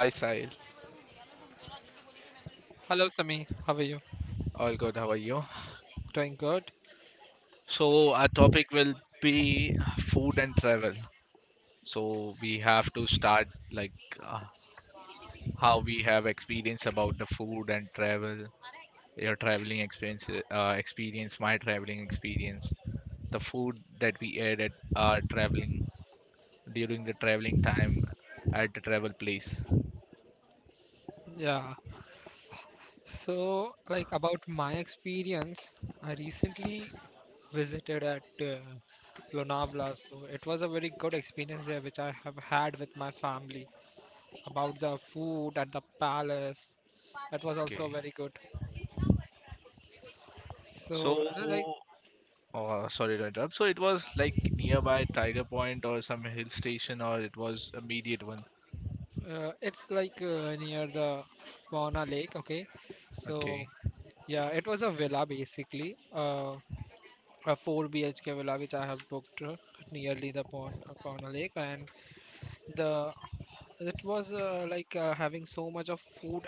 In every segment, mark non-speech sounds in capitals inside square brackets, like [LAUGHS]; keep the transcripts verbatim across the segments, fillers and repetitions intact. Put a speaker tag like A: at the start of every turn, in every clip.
A: Hi Sahil,
B: Hello, Sami. How are you?
A: all good. How are you?
B: Doing good?
A: So our topic will be food and travel. So we have to start like uh, how we have experience about the food and travel, your traveling experience, uh, experience, my traveling experience, the food that we ate at our traveling during the traveling time at the travel place.
B: Yeah. So, like about my experience, I recently visited at uh, Lonavala. So, it was a very good experience there, which I have had with my family. About the food at the palace, that was also
A: Okay.
B: very good.
A: So,
B: So, uh, like,
A: uh, sorry to interrupt. So it was like nearby Tiger Point or some hill station, or it was immediate one.
B: uh, it's like uh, near the Wauna Lake, okay? So,
A: Okay.
B: yeah, it was a villa basically. Uh, a four B H K villa which I have booked uh, nearly the Pon a Lake, and the it was uh, like uh, having so much of food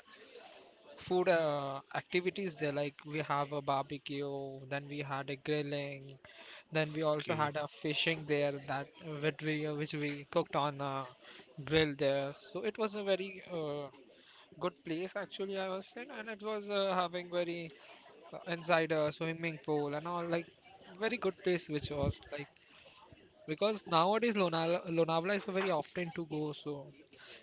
B: food uh, activities there, like we have a barbecue, then we had a grilling, then we also
A: Okay.
B: had a fishing there that which we uh, which we cooked on a grill there. So it was a very uh, good place actually I was in, and it was uh, having very uh, inside a swimming pool and all, like very good place. Which was like, because nowadays Lonavala, Lonavala is very often to go, so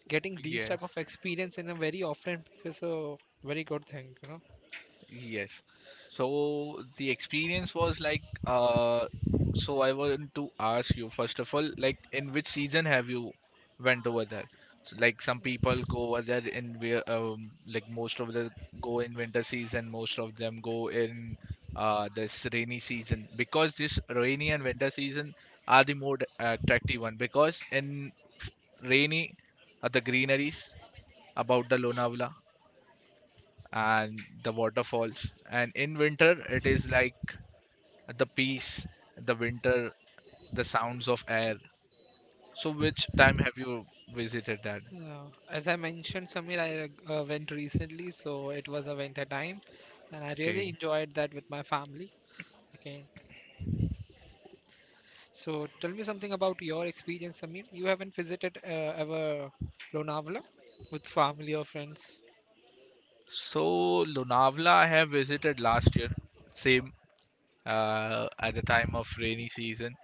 B: getting these type of
A: Yes.
B: experience in a very offline place is a very good thing. You
A: Yes. So the experience was like uh so I want to ask you first of all, like in which season have you went over there? So, like some people go over there in where um like most of them go in winter season, most of them go in uh this rainy season because this rainy and winter season are the more attractive one because in rainy are the greeneries about the Lonavala and the waterfalls. And in winter, it is like the peace, the winter, the sounds of air. So, which time have you visited that?
B: know uh, as I mentioned, Samir, I uh, went recently, so it was a winter time and I really
A: Okay.
B: enjoyed that with my family. Okay, so tell me something about your experience, Samir. You haven't visited uh, ever Lonavala with family or friends?
A: So, Lonavala, I have visited last year, same uh, at the time of rainy season.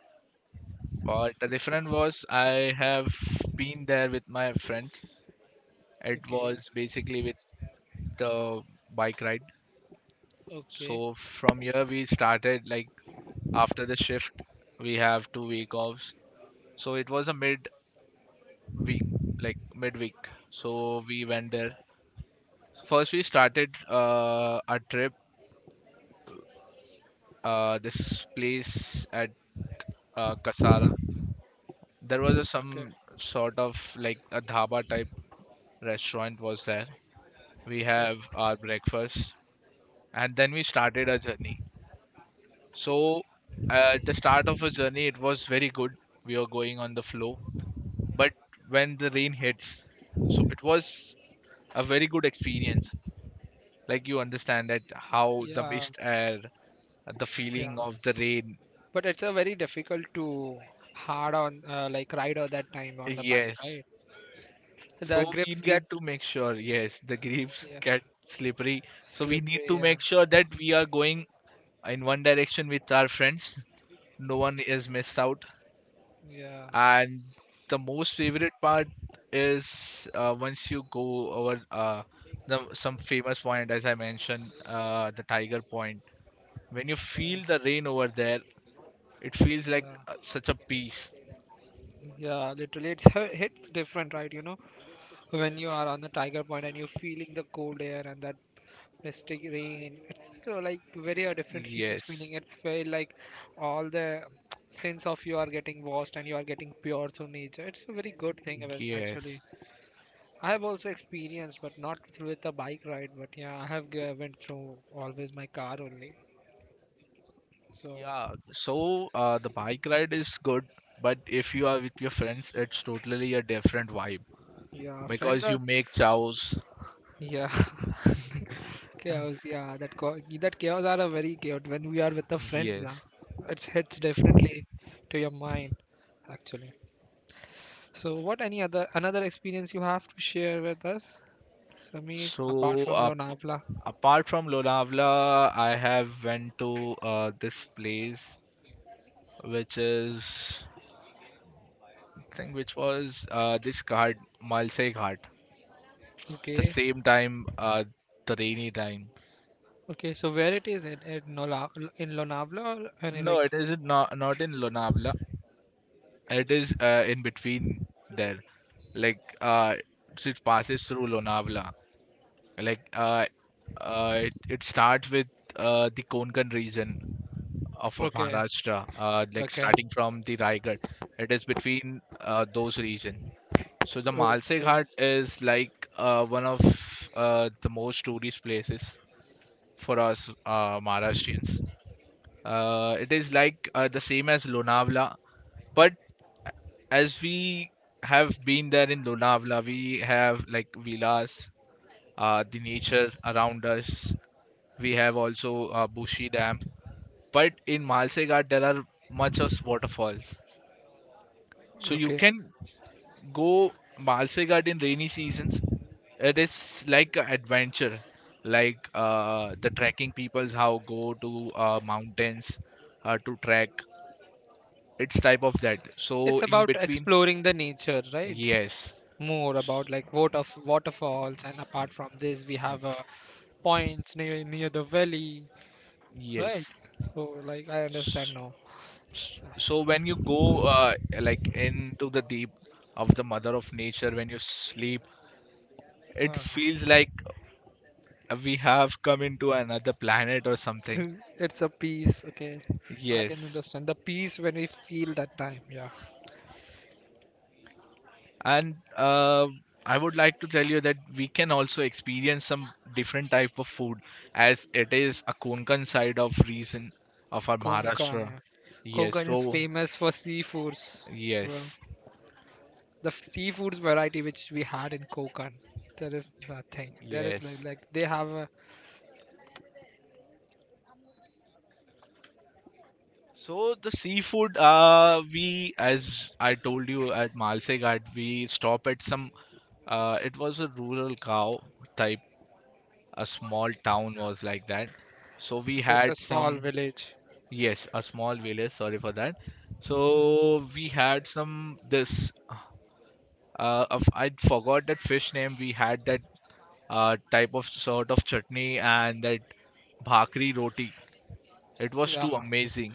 A: But the difference was I have been there with my friends. It
B: Okay.
A: was basically with the bike ride.
B: Okay.
A: So from here we started like after the shift we have two week offs. So it was a mid week, like midweek. So we went there. First, we started uh, our trip. Uh, this place at uh, Kasara. There was a,
B: Okay.
A: some sort of like a dhaba type restaurant was there. We have
B: Okay.
A: our breakfast, and then we started our journey. So at the start of our journey, it was very good. We were going on the flow, but when the rain hits, so it was a very good experience like you understand that how the
B: Yeah.
A: mist air the
B: Yeah,
A: feeling of the rain
B: but it's a very difficult to hard on uh, like ride or that time on the bike,
A: yes,
B: right? The
A: so we
B: grips get,
A: need to make sure yes, the leaves
B: yeah,
A: get slippery, so we need
B: slippery.
A: to
B: Yeah,
A: make sure that we are going in one direction with our friends, no one is missed out,
B: yeah,
A: and the most favorite part is uh, once you go over uh, the, some famous point as I mentioned uh, the tiger point, when you feel the
B: yeah.
A: rain over there it feels like uh,
B: Yeah.
A: such a peace.
B: Yeah, literally, it's hi- hits different, right? You know, when you are on the Tiger Point and you're feeling the cold air and that mystic rain, it's uh, like very a different, huge
A: Yes,
B: feeling. It's very like all the sense of you are getting washed and you are getting pure through nature. It's a very good thing, uh,
A: yes.
B: actually. I have also experienced, but not through with the bike ride. But yeah, I have g- went through always my car only. So,
A: Yeah, so uh, the bike ride is good, but if you are with your friends, it's totally a different vibe
B: yeah, friends
A: because
B: are,
A: you make chows.
B: yeah, [LAUGHS] chaos. Yeah, that co- that chaos are a very chaos when we are with the friends now.
A: Yes.
B: It hits differently to your mind actually. So, what any other another experience you have to share with us, Samir, apart
A: So
B: from
A: uh, p-
B: Lonavala?
A: apart from Lonavala, I have went to uh, this place which is I think which was uh, this Ghat, Malse Ghat. The
B: Okay,
A: same time, uh, the rainy time.
B: okay. So where it is it at Lola in Lonavala or any
A: No,
B: like?
A: it is not not in Lonavala. It is uh, in between there. Like uh, so it passes through Lonavala. Like uh, uh, it, it starts with uh, the Konkan region of uh,
B: Okay,
A: Maharashtra. Uh, like
B: okay,
A: starting from the Raigad, it is between uh, those region. So the Malse
B: okay,
A: Ghat is like uh, one of uh, the most tourist places for us uh, Maharashtrians. Uh, it is like uh, the same as Lonavala, but as we have been there in Lonavala, we have like villas, uh, the nature around us. We have also uh, Bushi Dam. But in Malsegaad, there are much of waterfalls. So you
B: okay.
A: can go Malsegaad in rainy seasons. It is like an adventure, like uh, the trekking peoples how go to uh, mountains uh, to trek. It's type of that. So
B: It's
A: in
B: about
A: between,
B: exploring the nature, right?
A: yes,
B: More
A: S-
B: about like water waterfalls, and apart from this we
A: uh,
B: have uh, points near near the valley, right?
A: yes.
B: So like I understand now.
A: So when you go uh, like into the deep of the mother of nature, when you sleep, it
B: Ah,
A: feels like we have come into another planet or something.
B: [LAUGHS] it's a peace, okay. I can
A: Yes.
B: understand the peace when we feel that time. Yeah.
A: And uh, I would like to tell you that we can also experience some different type of food as it is a Konkan side of region of our
B: Konkan.
A: Maharashtra. Yes.
B: Konkan is
A: So
B: famous for seafoods, bro.
A: yes,
B: The seafoods variety which we had in Konkan, there is nothing, there is like,
A: yes.
B: like they have a,
A: So the seafood, uh, we as I told you at Malsegad, we stop at some. Uh, it was a rural cow type. A small town was like that. So we
B: okay, it's a
A: had
B: small
A: some.
B: village.
A: Yes, a small village. Sorry for that. So we had some this. Uh, of- I forgot that fish name. We had that uh, type of sort of chutney and that bhakri roti. It was
B: Yeah.
A: too amazing.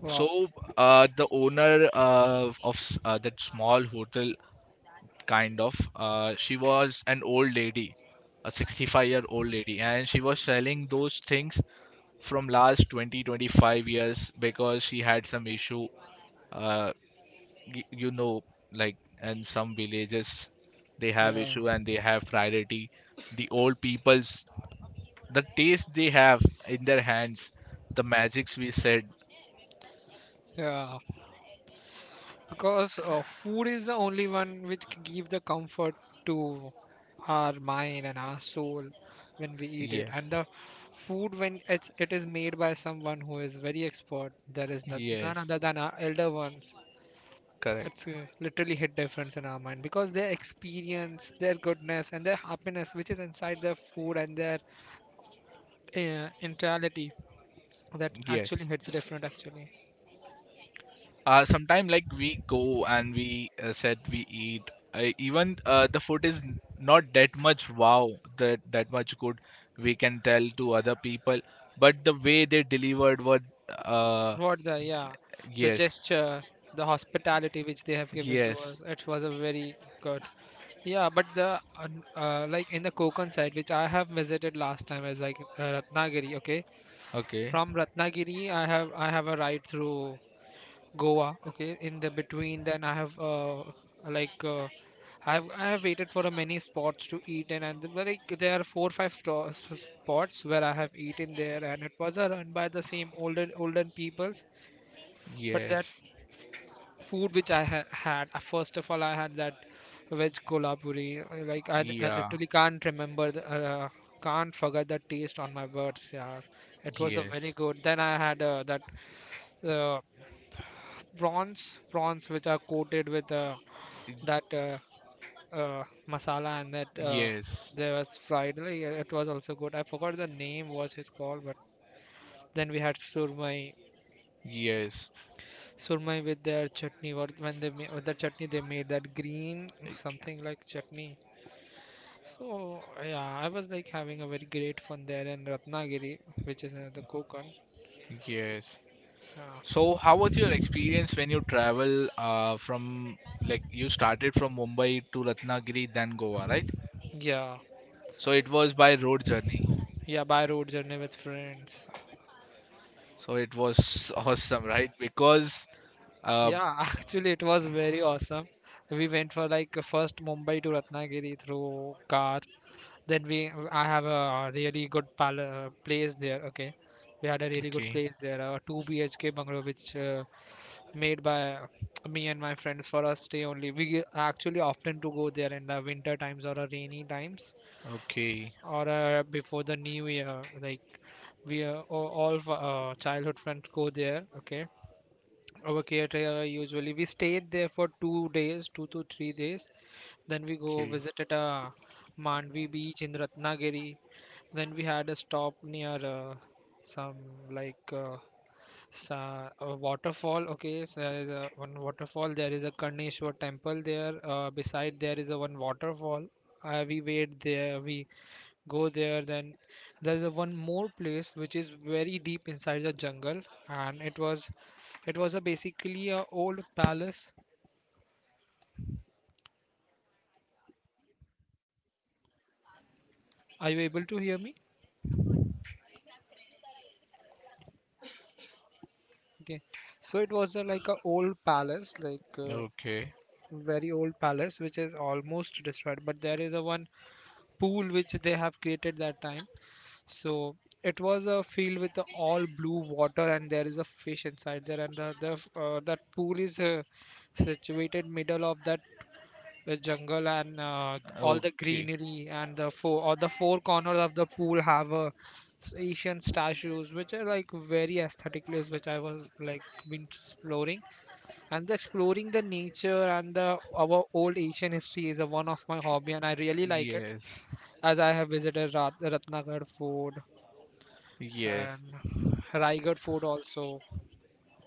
B: Wow.
A: So, uh, the owner uh, of s- uh, that small hotel, kind of, uh, she was an old lady, a sixty-five year old lady, and she was selling those things from last twenty, twenty-five years because she had some issue. Uh, y you know, like in some villages, they have
B: Yeah.
A: issue and they have priority. The old people's, the taste they have in their hands, the magics we said.
B: Yeah, because uh, food is the only one which c- give the comfort to our mind and our soul when we eat it.
A: Yes,
B: And the food when it's, it is made by someone who is very expert, there is no, none
A: yes,
B: other than our elder ones. It's
A: correct.
B: uh, literally hit difference in our mind, because their experience, their goodness and their happiness which is inside their food and their uh, entirety, that actually
A: Yes.
B: hits different actually.
A: Uh sometime like we go and we uh, said we eat uh, even uh, the food is n- not that much wow, that that much good we can tell to other people, but the way they delivered was uh
B: What the, yeah, the
A: yes,
B: gesture, the hospitality which they have given to
A: yes,
B: us. It was a very good. Yeah, but the un- uh, like in the Konkan side, which I have visited last time, is like uh, Ratnagiri. Okay,
A: okay,
B: from Ratnagiri, I have I have a ride through Goa. Okay, in the between, then I have uh, like uh, I have I have waited for a many spots to eat and and the- like there are four five sto- s- spots where I have eaten there, and it was a run by the same older olden peoples. But that
A: yes,
B: food which I ha- had. Uh, First of all, I had that veg kolhapuri. uh, Like I, I
A: yeah,
B: literally can't remember, the, uh, can't forget the taste on my words. Yeah, it was a very
A: yes,
B: good. Then I had uh, that uh, prawns, prawns which are coated with uh, that
A: Y-
B: uh, uh, masala, and that uh,
A: yes,
B: there was fried. Like, uh, it was also good. I forgot the name what it's called, but then we had surmai.
A: yes,
B: Surmai with their chutney, what when they made with the chutney, they made that green
A: Y-
B: something like chutney. So yeah, I was like having a very great fun there in Ratnagiri, which is another Konkan.
A: yes. So,
B: Yeah,
A: how was your experience when you travel uh, from like you started from Mumbai to Ratnagiri, then Goa, right?
B: yeah,
A: So it was by road journey.
B: yeah. By road journey with friends.
A: So it was [LAUGHS] awesome, right? Because uh,
B: Yeah, [LAUGHS] actually it was very awesome. We went for like a first Mumbai to Ratnagiri through car. Then we, I have a really good pal- uh, place there, okay? We had a really good
A: okay,
B: place there, a two BHK bungalow which uh, made by me and my friends for us stay only. We actually often to go there in the winter times or a rainy times,
A: okay,
B: or uh, before the new year. Like we uh, all all of, uh, childhood friends go there, okay, over Cater. Usually we stayed there for two days, two to three days. Then we go
A: okay.
B: visited at uh, Mandvi beach in Ratnagiri. Then we had a stop near uh, some like uh, sa- a waterfall. Okay, so there is a one waterfall. There is a Karneshwar temple there. Uh, beside
A: Sahil,
B: there
A: you're
B: is a
A: not
B: one
A: audible.
B: waterfall. Uh, we wait there. We go there, then there is a one more place which is very deep inside the jungle, and it was, it was a basically a old palace. Are you able to hear me? Okay, so it was a, like a old palace, like uh,
A: Okay,
B: very old palace which is almost destroyed, but there is a one pool which they have created that time. So it was a field with the all blue water, and there is a fish inside there. And the, the uh, that pool is uh, situated middle of that the jungle and uh, all the
A: okay.
B: greenery, and the four or the four corners of the pool have a s- Asian statues, which are like very aesthetic place, which I was like been exploring. And the exploring the nature and the our old Asian history is a one of my hobby, and I really like it.
A: Yes,
B: As I have visited Rat- Ratnagar Fort
A: yes,
B: and Raigad Fort also.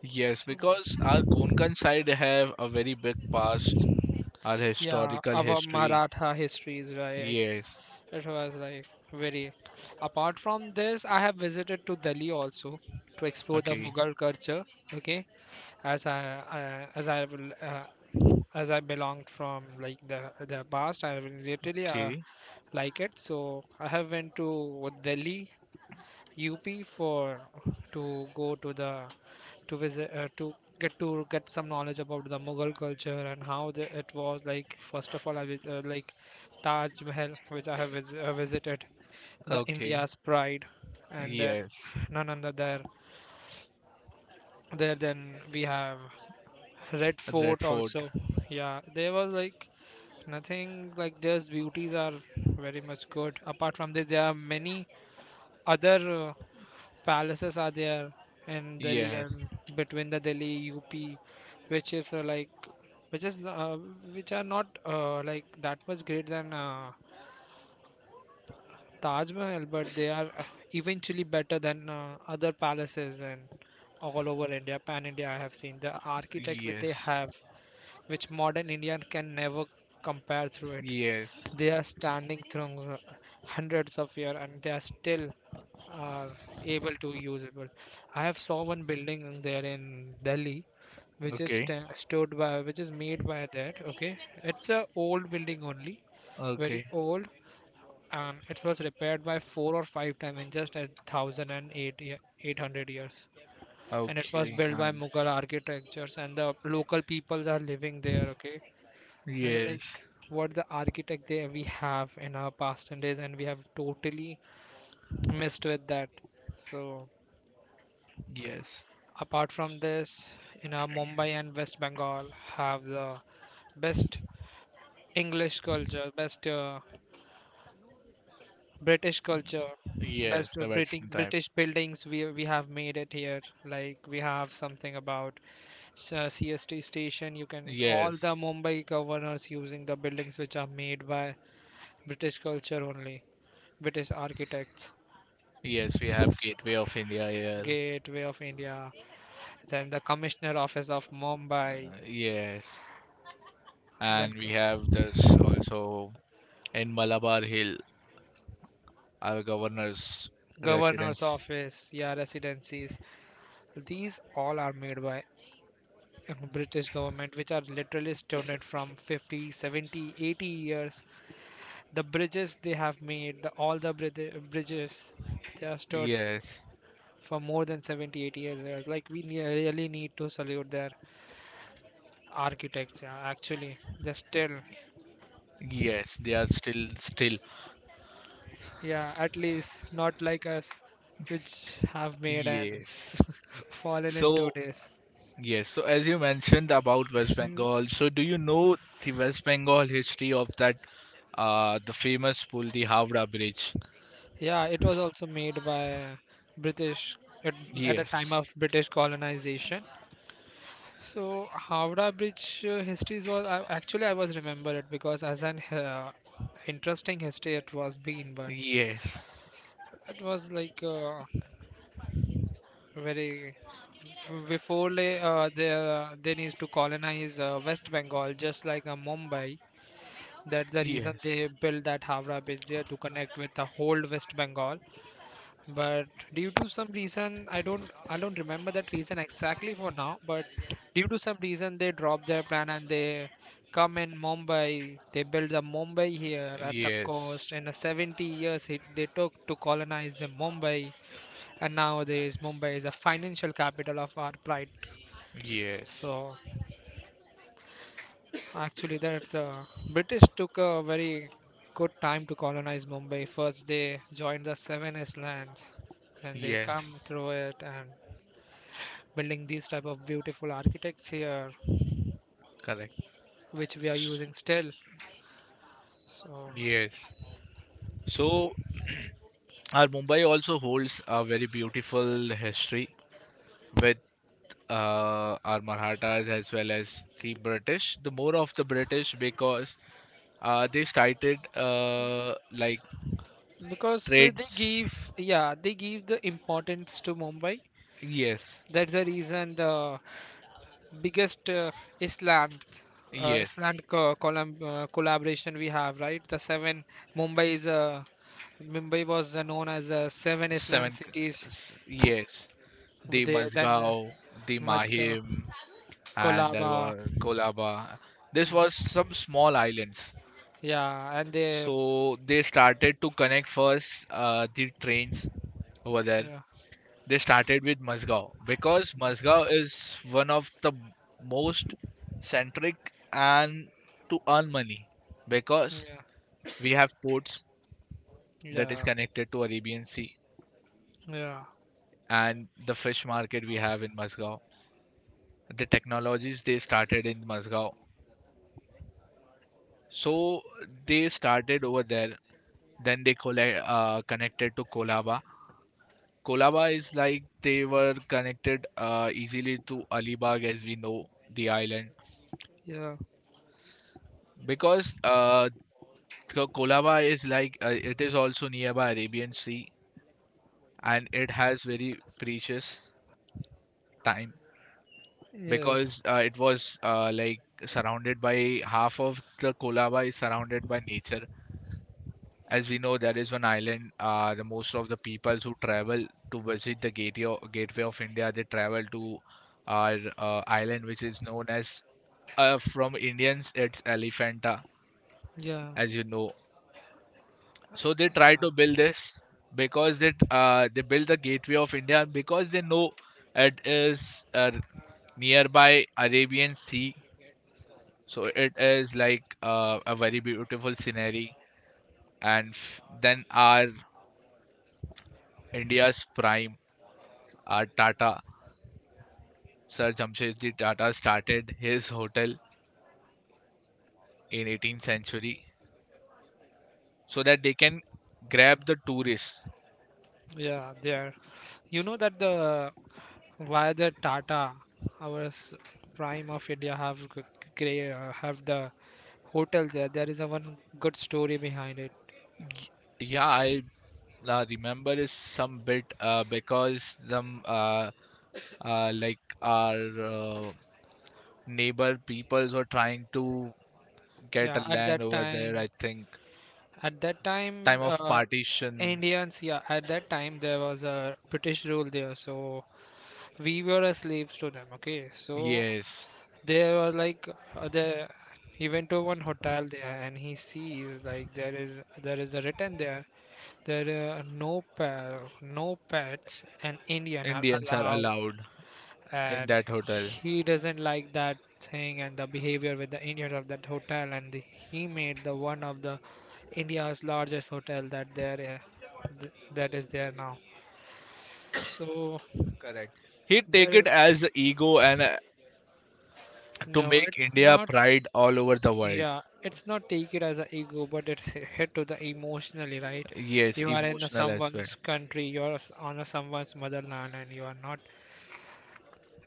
A: yes.
B: So
A: Because our Konkan side have a very big past, our
B: yeah,
A: historical
B: our
A: history.
B: Maratha history is right.
A: Yes.
B: It was like very. Apart from this, I have visited to Delhi also to explore the
A: Okay,
B: Mughal culture. Okay, as I, I as I will uh, as I belonged from like the the past, I really uh,
A: okay,
B: like it. So I have went to Delhi U P for to go to the to visit uh, to get to get some knowledge about the Mughal culture and how the, it was like. First of all, I vis- uh, like Taj Mahal, which I have vis- uh, visited, the
A: okay.
B: India's pride, and then
A: Yes.
B: none other there. There, then we have Red
A: Red
B: Fort
A: Fort.
B: also. Yeah, there was like nothing like this. Beauties are very much good. Apart from this, there are many other uh, palaces are there in Delhi
A: Yes.
B: and between the Delhi U P, which is uh, like which is uh, which are not uh, like that much great than uh, Taj Mahal, but they are uh, eventually better than uh, other palaces. And all over India, pan India, I have seen the architect which they
A: Yes.
B: have, which modern Indian can never compare through it.
A: Yes.
B: They are standing through uh, hundreds of years, and they are still are able to usable. I have saw one building there in Delhi, which is
A: Okay.
B: sta- stood by, which is made by that. Okay, it's a old building only, very
A: Okay.
B: old, and it was repaired by four or five times in just a thousand and eight ye- eight hundred years, and it was
A: Okay.
B: built by
A: Nice.
B: mughal architectures, and the local peoples are living there, okay. Uh, like
A: Yes.
B: what the architect there we have in our past and days, and we have totally missed with that. So
A: Yes.
B: apart from this, in our Mumbai and West Bengal have the best english culture, best uh, British culture. Best
A: Yes.
B: the
A: The
B: British
A: Western type.
B: British buildings we we have made it here. Like we have something about s- uh, C S T station. You can all the
A: Yes.
B: Mumbai governors using the buildings which are made by British culture only. British architects,
A: Yes. We have Gateway of India here.
B: Gateway of India, then the Commissioner Office of Mumbai,
A: Uh, yes.
B: then
A: And
B: c-
A: we have this also in Malabar Hill, our governor's
B: Governor's
A: residence.
B: Office, yeah, residencies. These all are made by uh, British government, which are literally stoned from fifty, seventy, eighty years. The bridges they have made, the, all the brid- bridges, they are stood
A: Yes.
B: for more than seventy, eighty years. Like, we ne- really need to salute their architects, yeah, actually. They're still,
A: Yes. They are still, still.
B: yeah, at least not like us, which have made and
A: Yes.
B: [LAUGHS] fallen in two
A: So
B: days.
A: yes, so as you mentioned about West Bengal,
B: [LAUGHS]
A: so do you know the West Bengal history of that uh the famous pull, the Howrah Bridge?
B: Yeah, it was also made by British at, at a time
A: Yes.
B: of British colonization. So Howrah Bridge uh, histories was I, actually I was remember it because as an uh, interesting history it was been, but
A: Yes.
B: it was like uh, very before they uh, they uh, they need to colonize uh, West Bengal just like uh, Mumbai. That's the reason
A: Yes.
B: they built that Howrah Bridge there to connect with the whole West Bengal, but due to some reason i don't i don't remember that reason exactly for now, but due to some reason they drop their plan and they come in Mumbai, they build the Mumbai here at a cost,
A: Yes.
B: and the seventy years it, they took to colonize the Mumbai. And nowadays Mumbai is a financial capital of our pride.
A: Yes.
B: So actually that's uh, British took a very good time to colonize Mumbai. First they joined the seven islands, then they
A: Yes.
B: come through it and building these type of beautiful architects here,
A: Correct.
B: which we are
A: S-
B: using still. So
A: Yes. So our Mumbai also holds a very beautiful history with uh, our Marathas as well as the British. The more of the British because uh, they started uh, like
B: because uh, they
A: trades.
B: give yeah, they give the importance to Mumbai.
A: Yes,
B: That's the reason the biggest uh, island uh,
A: yes.
B: island co- column, uh, collaboration we have, right? The seven... mumbai is a Mumbai was uh, known as uh, seven island
A: Seven. c-
B: cities.
A: s- Yes, the
B: They then uh,
A: Mazgao, the
B: Majga,
A: Mahim, and there
B: Kolaba.
A: was Kolaba.
B: Hmm.
A: This was some small islands.
B: Yeah, and they,
A: So they started to connect first uh, the trains over there.
B: yeah.
A: They started with Mazgao because Mazgao is one of the most centric and to earn money because we have ports that is
B: Yeah,
A: connected to Arabian Sea
B: yeah,
A: and the fish market we have in Muscat. The technologies they started in Muscat. So they started over there. Then they colla- uh, connected to Kolaba. Kolaba is like they were connected uh, easily to Alibag as we know the island
B: yeah, yeah,
A: because uh, Ko- Kolaba is like uh, it is also nearby Arabian Sea and it has very precious time
B: yes,
A: because uh, it was uh, like surrounded by half of the Kolaba is surrounded by nature. As we know, that is one island. Uh, the most of the peoples who travel to visit the gateway of, gateway of India, they travel to our uh, island, which is known as uh, from Indians, it's Elephanta,
B: yeah.
A: as you know. So they try to build this because they uh, they build the gateway of India because they know it is uh, nearby Arabian Sea. So it is like uh, a very beautiful scenery. And f then our India's prime, our Tata, Sir Jamshedji Tata started his hotel in eighteenth century so that they can grab the tourists.
B: Yeah, there. You know that the why the Tata, our s- prime of India, have g- gray uh, have the hotel there. There is a one good story behind it.
A: Yeah, I uh, remember is some bit uh, because some uh, uh, like our uh, neighbor peoples were trying to get a
B: Yeah, at
A: land
B: that
A: over there,
B: time
A: I think.
B: At that
A: Time
B: time,
A: of
B: uh,
A: partition.
B: Indians, yeah, at that time there was a British rule there, so we were a slaves to them. Okay, so
A: Yes.
B: they were like uh, the. He went to one hotel there, and he sees like there is there is a written there. There are no pa- no pets, and Indian are
A: Indians are
B: allowed,
A: allowed in
B: and
A: that hotel.
B: he doesn't like that thing and the behavior with the Indians of that hotel, and the, he made the one of the India's largest hotel that there uh, th- that is there now. So
A: Correct. He
B: there
A: take it
B: is,
A: as ego and uh, to
B: no,
A: make
B: it's
A: India
B: not,
A: pride all over the world.
B: yeah, it's not take it as a ego, but it's hit to the emotionally, right?
A: Yes,
B: You are in the
A: emotional as well.
B: someone's country, you're s- on a someone's motherland and you are not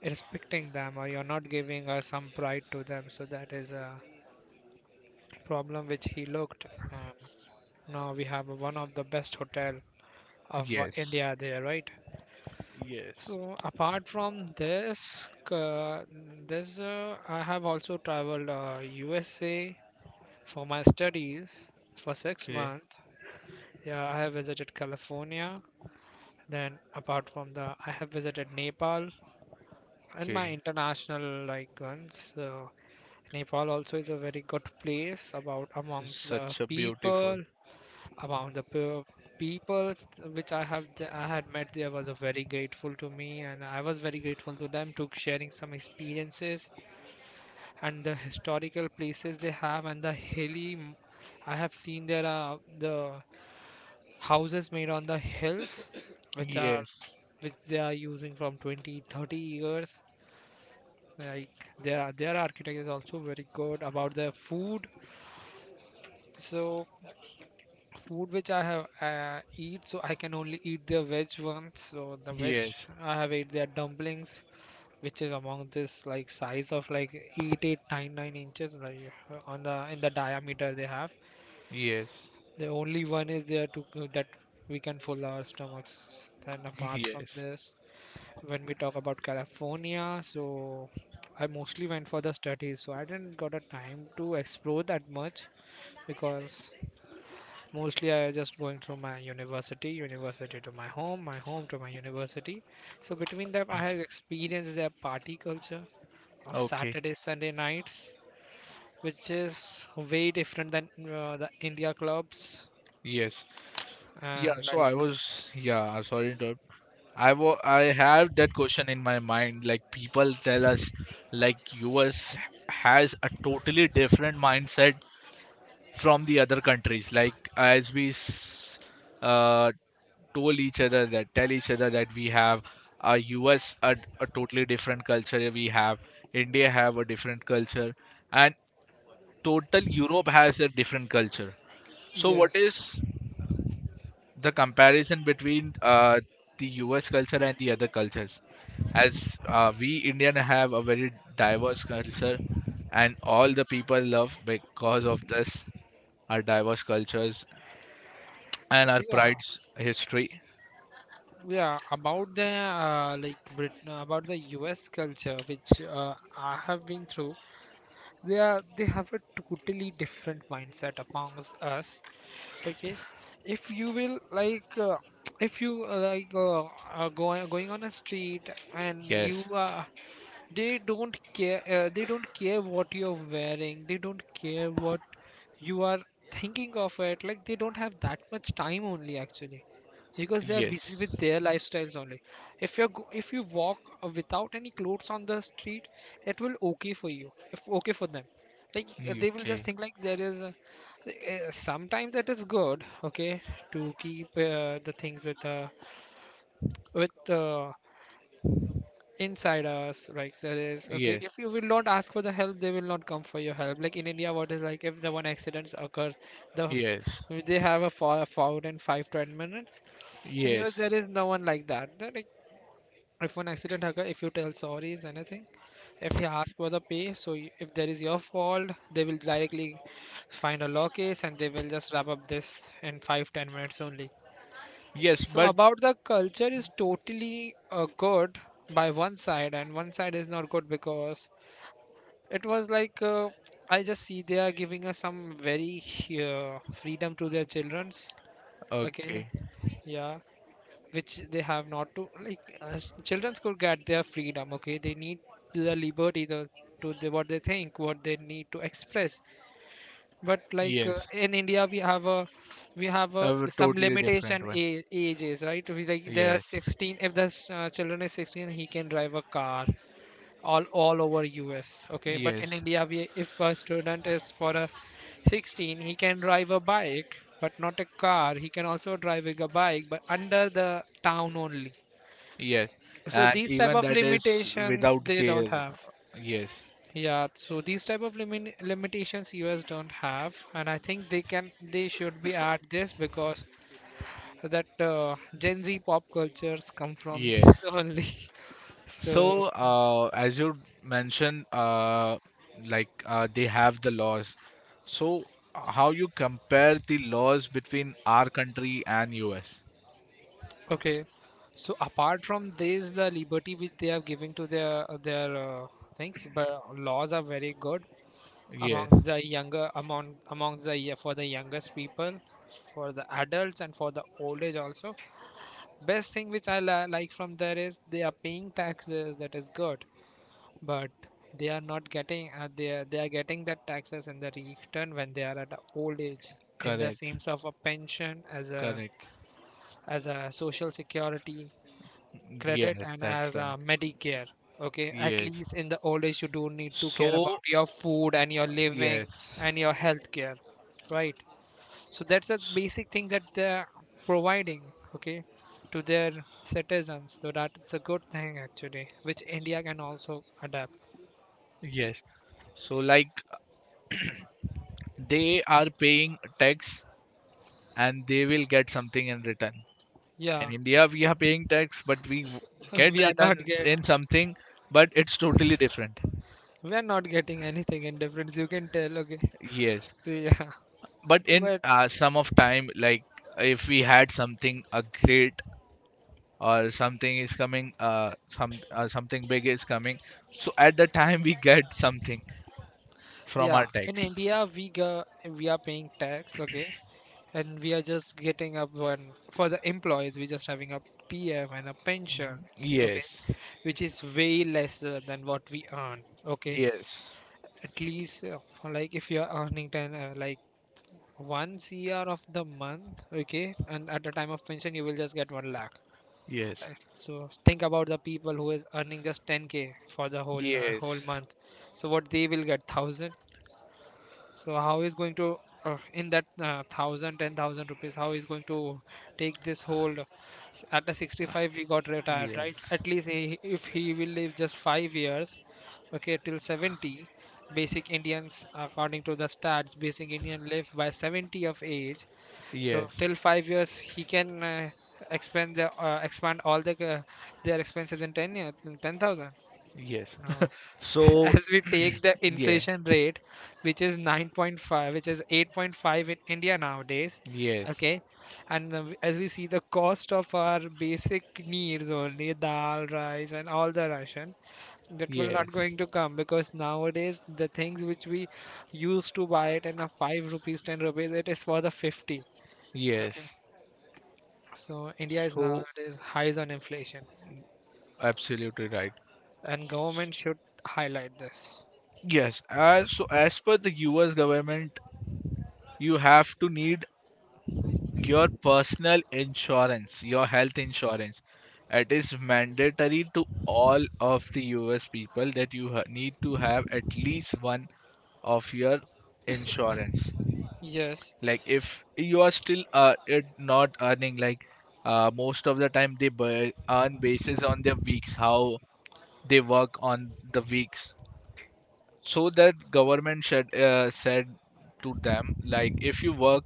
B: respecting them or you're not giving uh, some pride to them, so that is a problem which he looked. And now we have one of the best hotel of uh,
A: Yes.
B: India there, right?
A: Yes.
B: So apart from this, uh, this uh, I have also traveled uh, U S A for my studies for six
A: Okay.
B: months. Yeah, I have visited California. Then apart from the, I have visited Nepal in my
A: Okay.
B: international like ones. So Nepal also is a very good place about amongst the
A: Such a beautiful.
B: people among the pe- people which I have th- I had met there was a very grateful to me, and I was very grateful to them to sharing some experiences, and the historical places they have, and the hilly m- I have seen there are the houses made on the hills [COUGHS] which are
A: Yes.
B: which they are using from twenty thirty years. Like their their architect is also very good about their food. So food which I have uh, eat, so I can only eat their veg ones. So the veg
A: Yes.
B: I have ate their dumplings, which is among this like size of like eight, eight, nine, nine inches like uh, on the in the diameter they have.
A: Yes.
B: The only one is there to that we can fill our stomachs. Then
A: [LAUGHS]
B: apart from
A: Yes.
B: this, when we talk about California, so I mostly went for the studies, so I didn't got a time to explore that much because mostly i just going through my university university to my home my home to my university. So between them I have experienced their party culture of
A: Okay.
B: Saturday Sunday nights, which is way different than uh, the India clubs
A: Yes. Yeah,
B: and
A: so I
B: like.
A: was, yeah, I'm sorry to interrupt. I wa I have that question in my mind. Like people tell us, like U S has a totally different mindset from the other countries. Like as we s- uh, told each other that tell each other that we have a U S a, a totally different culture. We have India have a different culture, and total Europe has a different culture. So what
B: Yes.
A: is the comparison between uh, the U S culture and the other cultures. As uh, we Indian have a very diverse culture, and all the people love because of this our diverse cultures and our
B: Yeah,
A: pride's history.
B: yeah about the uh, like Britain, about the US culture which uh, i have been through, they are they have a totally different mindset amongst us, okay? If you will like uh, [TSK] if you uh, like uh, are going going on a street and you
A: Yes,
B: uh, they don't care uh, they don't care what you're wearing, they don't care what you are thinking of it. Like they don't have that much time only actually because they are busy
A: yes,
B: with their lifestyles only. If you if you walk uh, without any clothes on the street, it will okay for you if okay for them. Like uh, they will just
A: okay,
B: think like there is a, uh, sometimes it is good, okay, to keep uh, the things with uh, with uh, inside us. Like there is okay,
A: yes,
B: if you will not ask for the help, they will not come for your help. Like in India what is like if the one accidents occur, the f-
A: yes,
B: they have a fall forward in five to ten minutes. In US
A: yes,
B: there is no one like that. They're like if one accident occur, if you tell sorries anything, if you ask for the pay, so y- if there is your fault, they will directly find a law case and they will just wrap up this in five ten minutes only.
A: yes,
B: So
A: but
B: about the culture is totally uh, good by one side, and one side is not good because it was like uh, I just see they are giving us some very uh, freedom to their childrens.
A: okay,
B: Okay, yeah, which they have not to like. Uh, childrens could get their freedom. Okay, they need the liberty to to the, what they think, what they need to express, but like uh,
A: yes,
B: in India we have a we have a,
A: a
B: some
A: totally different
B: limitation
A: one.
B: a- ages, right. We, like there are
A: Yes,
B: sixteen, if the s- uh, children is sixteen he can drive a car all all over US, okay. But in
A: yes,
B: India we, if a student is for a sixteen he can drive a bike but not a car. He can also driving a bike but under the town only.
A: yes,
B: So
A: and
B: these type
A: even
B: of
A: that is
B: limitations
A: without
B: they don't
A: care.
B: have.
A: Yes,
B: Yeah, so these type of limin limitations U S don't have, and I think they can they should be at this because that uh, Gen Z pop cultures come from this [LAUGHS]
A: yes.
B: only. So
A: So, uh, as you mentioned, uh, like uh, they have the laws. So, how you compare the laws between our country and U S?
B: okay, so apart from this, the liberty which they are giving to their their uh, things, but laws are very good
A: Yes,
B: amongst the younger among amongst the, yeah, for the youngest people, for the adults and for the old age also. Best thing which I li- like from there is they are paying taxes. That is good, but they are not getting. Uh, they are, they are getting that taxes in the return when they are at a old age. In the
A: correct,
B: sense of a pension as a
A: correct.
B: as a social security credit
A: Yes,
B: and
A: that's
B: as
A: the one.
B: a Medicare. Okay, at
A: Yes.
B: least in the old age you don't need to care
A: So,
B: about your food and your living
A: yes,
B: and your health care, right? So that's a basic thing that they're providing, okay, to their citizens. So that's a good thing actually, which India can also adapt.
A: yes. So, like they are paying tax and they will get something in return.
B: Yeah,
A: In India, we are paying tax, but we w-
B: [LAUGHS]
A: get
B: we are not
A: returns
B: get
A: in something, but it's totally different.
B: we are not getting anything in difference. You can tell, okay. [LAUGHS]
A: Yes,
B: So yeah,
A: but in
B: but
A: uh, some of time, like if we had something a great or something is coming, uh, some uh, something big is coming, so at the time we get something from our
B: yeah, in
A: tax.
B: India we go, we are paying tax, okay, and we are just getting up one for the employees we're just having a pm and a pension, okay,
A: Yes,
B: which is way lesser than what we earn, okay.
A: yes,
B: At least uh, like if you're earning ten uh, like one cr of the month, okay, and at the time of pension you will just get one lakh. Uh,
A: yes,
B: so think about the people who is earning just ten k for the whole uh, whole
A: yes,
B: month. So what they will get, one thousand. So how is going to uh, in that uh, thousand ten thousand rupees? How is going to take this hold? S- At the sixty five, we got retired, right?
A: yes,
B: At least he, if he will live just five years, okay, till seventy. Basic Indians, according to the stats, basic Indian live by seventy of age. So
A: yes,
B: till five years, he can uh, expand the uh, expand all the uh, their expenses in ten year, in ten thousand.
A: yes.
B: No.
A: [LAUGHS]
B: [LAUGHS]
A: So
B: As we take the inflation
A: yes,
B: rate, which is nine point five, which is eight point five in India nowadays,
A: yes,
B: okay. And uh, as we see the cost of our basic needs, only dal rice and all the ration, that will not going
A: yes,
B: to come because nowadays the things which we used to buy it in a five rupees ten rupees, it is for the fifty, okay.
A: yes.
B: So India is
A: So
B: nowadays highs on inflation,
A: absolutely right.
B: and
A: S-
B: government should highlight this.
A: Yes, as so as per the U S government, you have to need your personal insurance, your health insurance. It is mandatory to all of the U S people that you ha- need to have at least one of your insurance.
B: Yes.
A: Like if you are still uh, it not earning, like uh, most of the time they bu- earn basis on their weeks, how they work on the weeks, so that government should uh, said to them, like if you work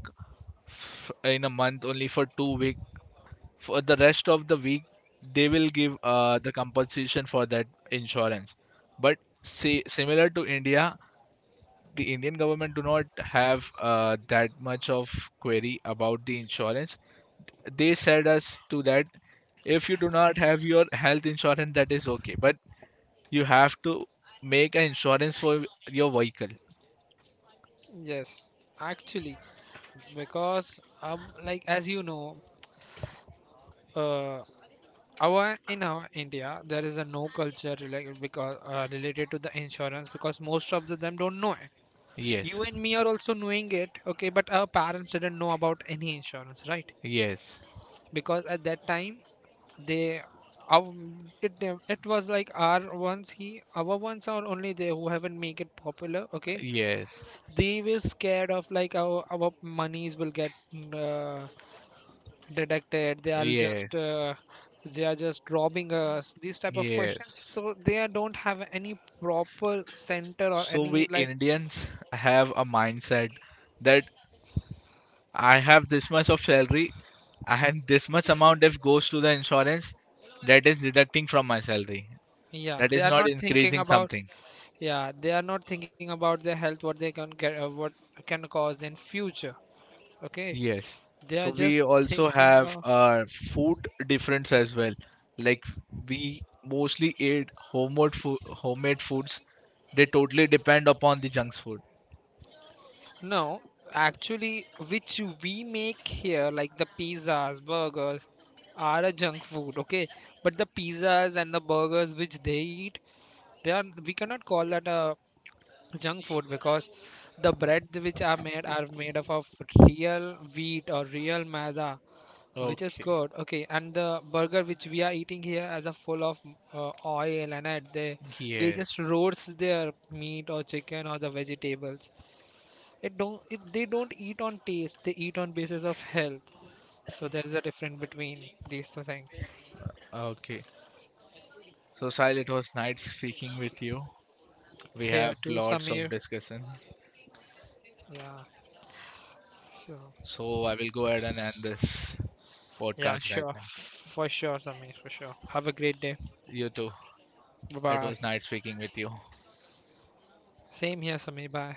A: f- in a month only for two week, for the rest of the week they will give uh, the compensation for that insurance, but say similar to india, the indian government do not have uh, that much of query about the insurance. They said us to that if you do not have your health insurance that is okay, but you have to make an insurance for your vehicle.
B: Yes, actually, because um like as you know, uh our in our India there is a no culture like because uh, related to the insurance because most of the them don't know it.
A: Yes,
B: You and me are also knowing it, okay? But our parents didn't know about any insurance, right?
A: yes,
B: Because at that time they our, it it was like our ones, he our ones are only they who haven't make it popular, okay?
A: yes,
B: They were scared of like our our monies will get uh, detected, they are just
A: yes,
B: uh, they are just robbing us, these type of questions,
A: yes.
B: so they are, don't have any proper center or
A: So
B: any
A: we
B: like,
A: Indians have a mindset that I have this much of salary and this much amount if goes to the insurance that is deducting from my salary.
B: yeah
A: That
B: they
A: is
B: are
A: not
B: not thinking
A: increasing
B: about,
A: something.
B: yeah they are not thinking about their health, what they can get uh, what can cause in future, okay.
A: Yes.
B: They are
A: So
B: just
A: we also
B: thinking
A: have
B: of.
A: uh, food difference as well. Like we mostly eat homemade food, homemade foods. They totally depend upon the junk food.
B: No, actually, which we make here, like the pizzas, burgers, are a junk food, okay? But the pizzas and the burgers which they eat, they are we cannot call that a junk food because the bread which are made are made up of real wheat or real maida, which is
A: Okay.
B: good, okay? And the burger which we are eating here as a full of uh, oil, and uh, they they just
A: Yes.
B: roast their meat or chicken or the vegetables. It don't. It, they don't eat on taste. They eat on basis of health. So there is a difference between these two things.
A: Okay. So, Sahil, it was nice speaking with you. We
B: Here
A: have
B: too,
A: lots of
B: Samir.
A: discussion.
B: Yeah. So
A: So, I will go ahead and end this
B: yeah,
A: podcast right
B: sure,
A: now.
B: for sure, Samir, for sure. Have a great day.
A: You too.
B: Bye
A: It was
B: bye.
A: nice speaking with you.
B: Same here, Samir. Bye.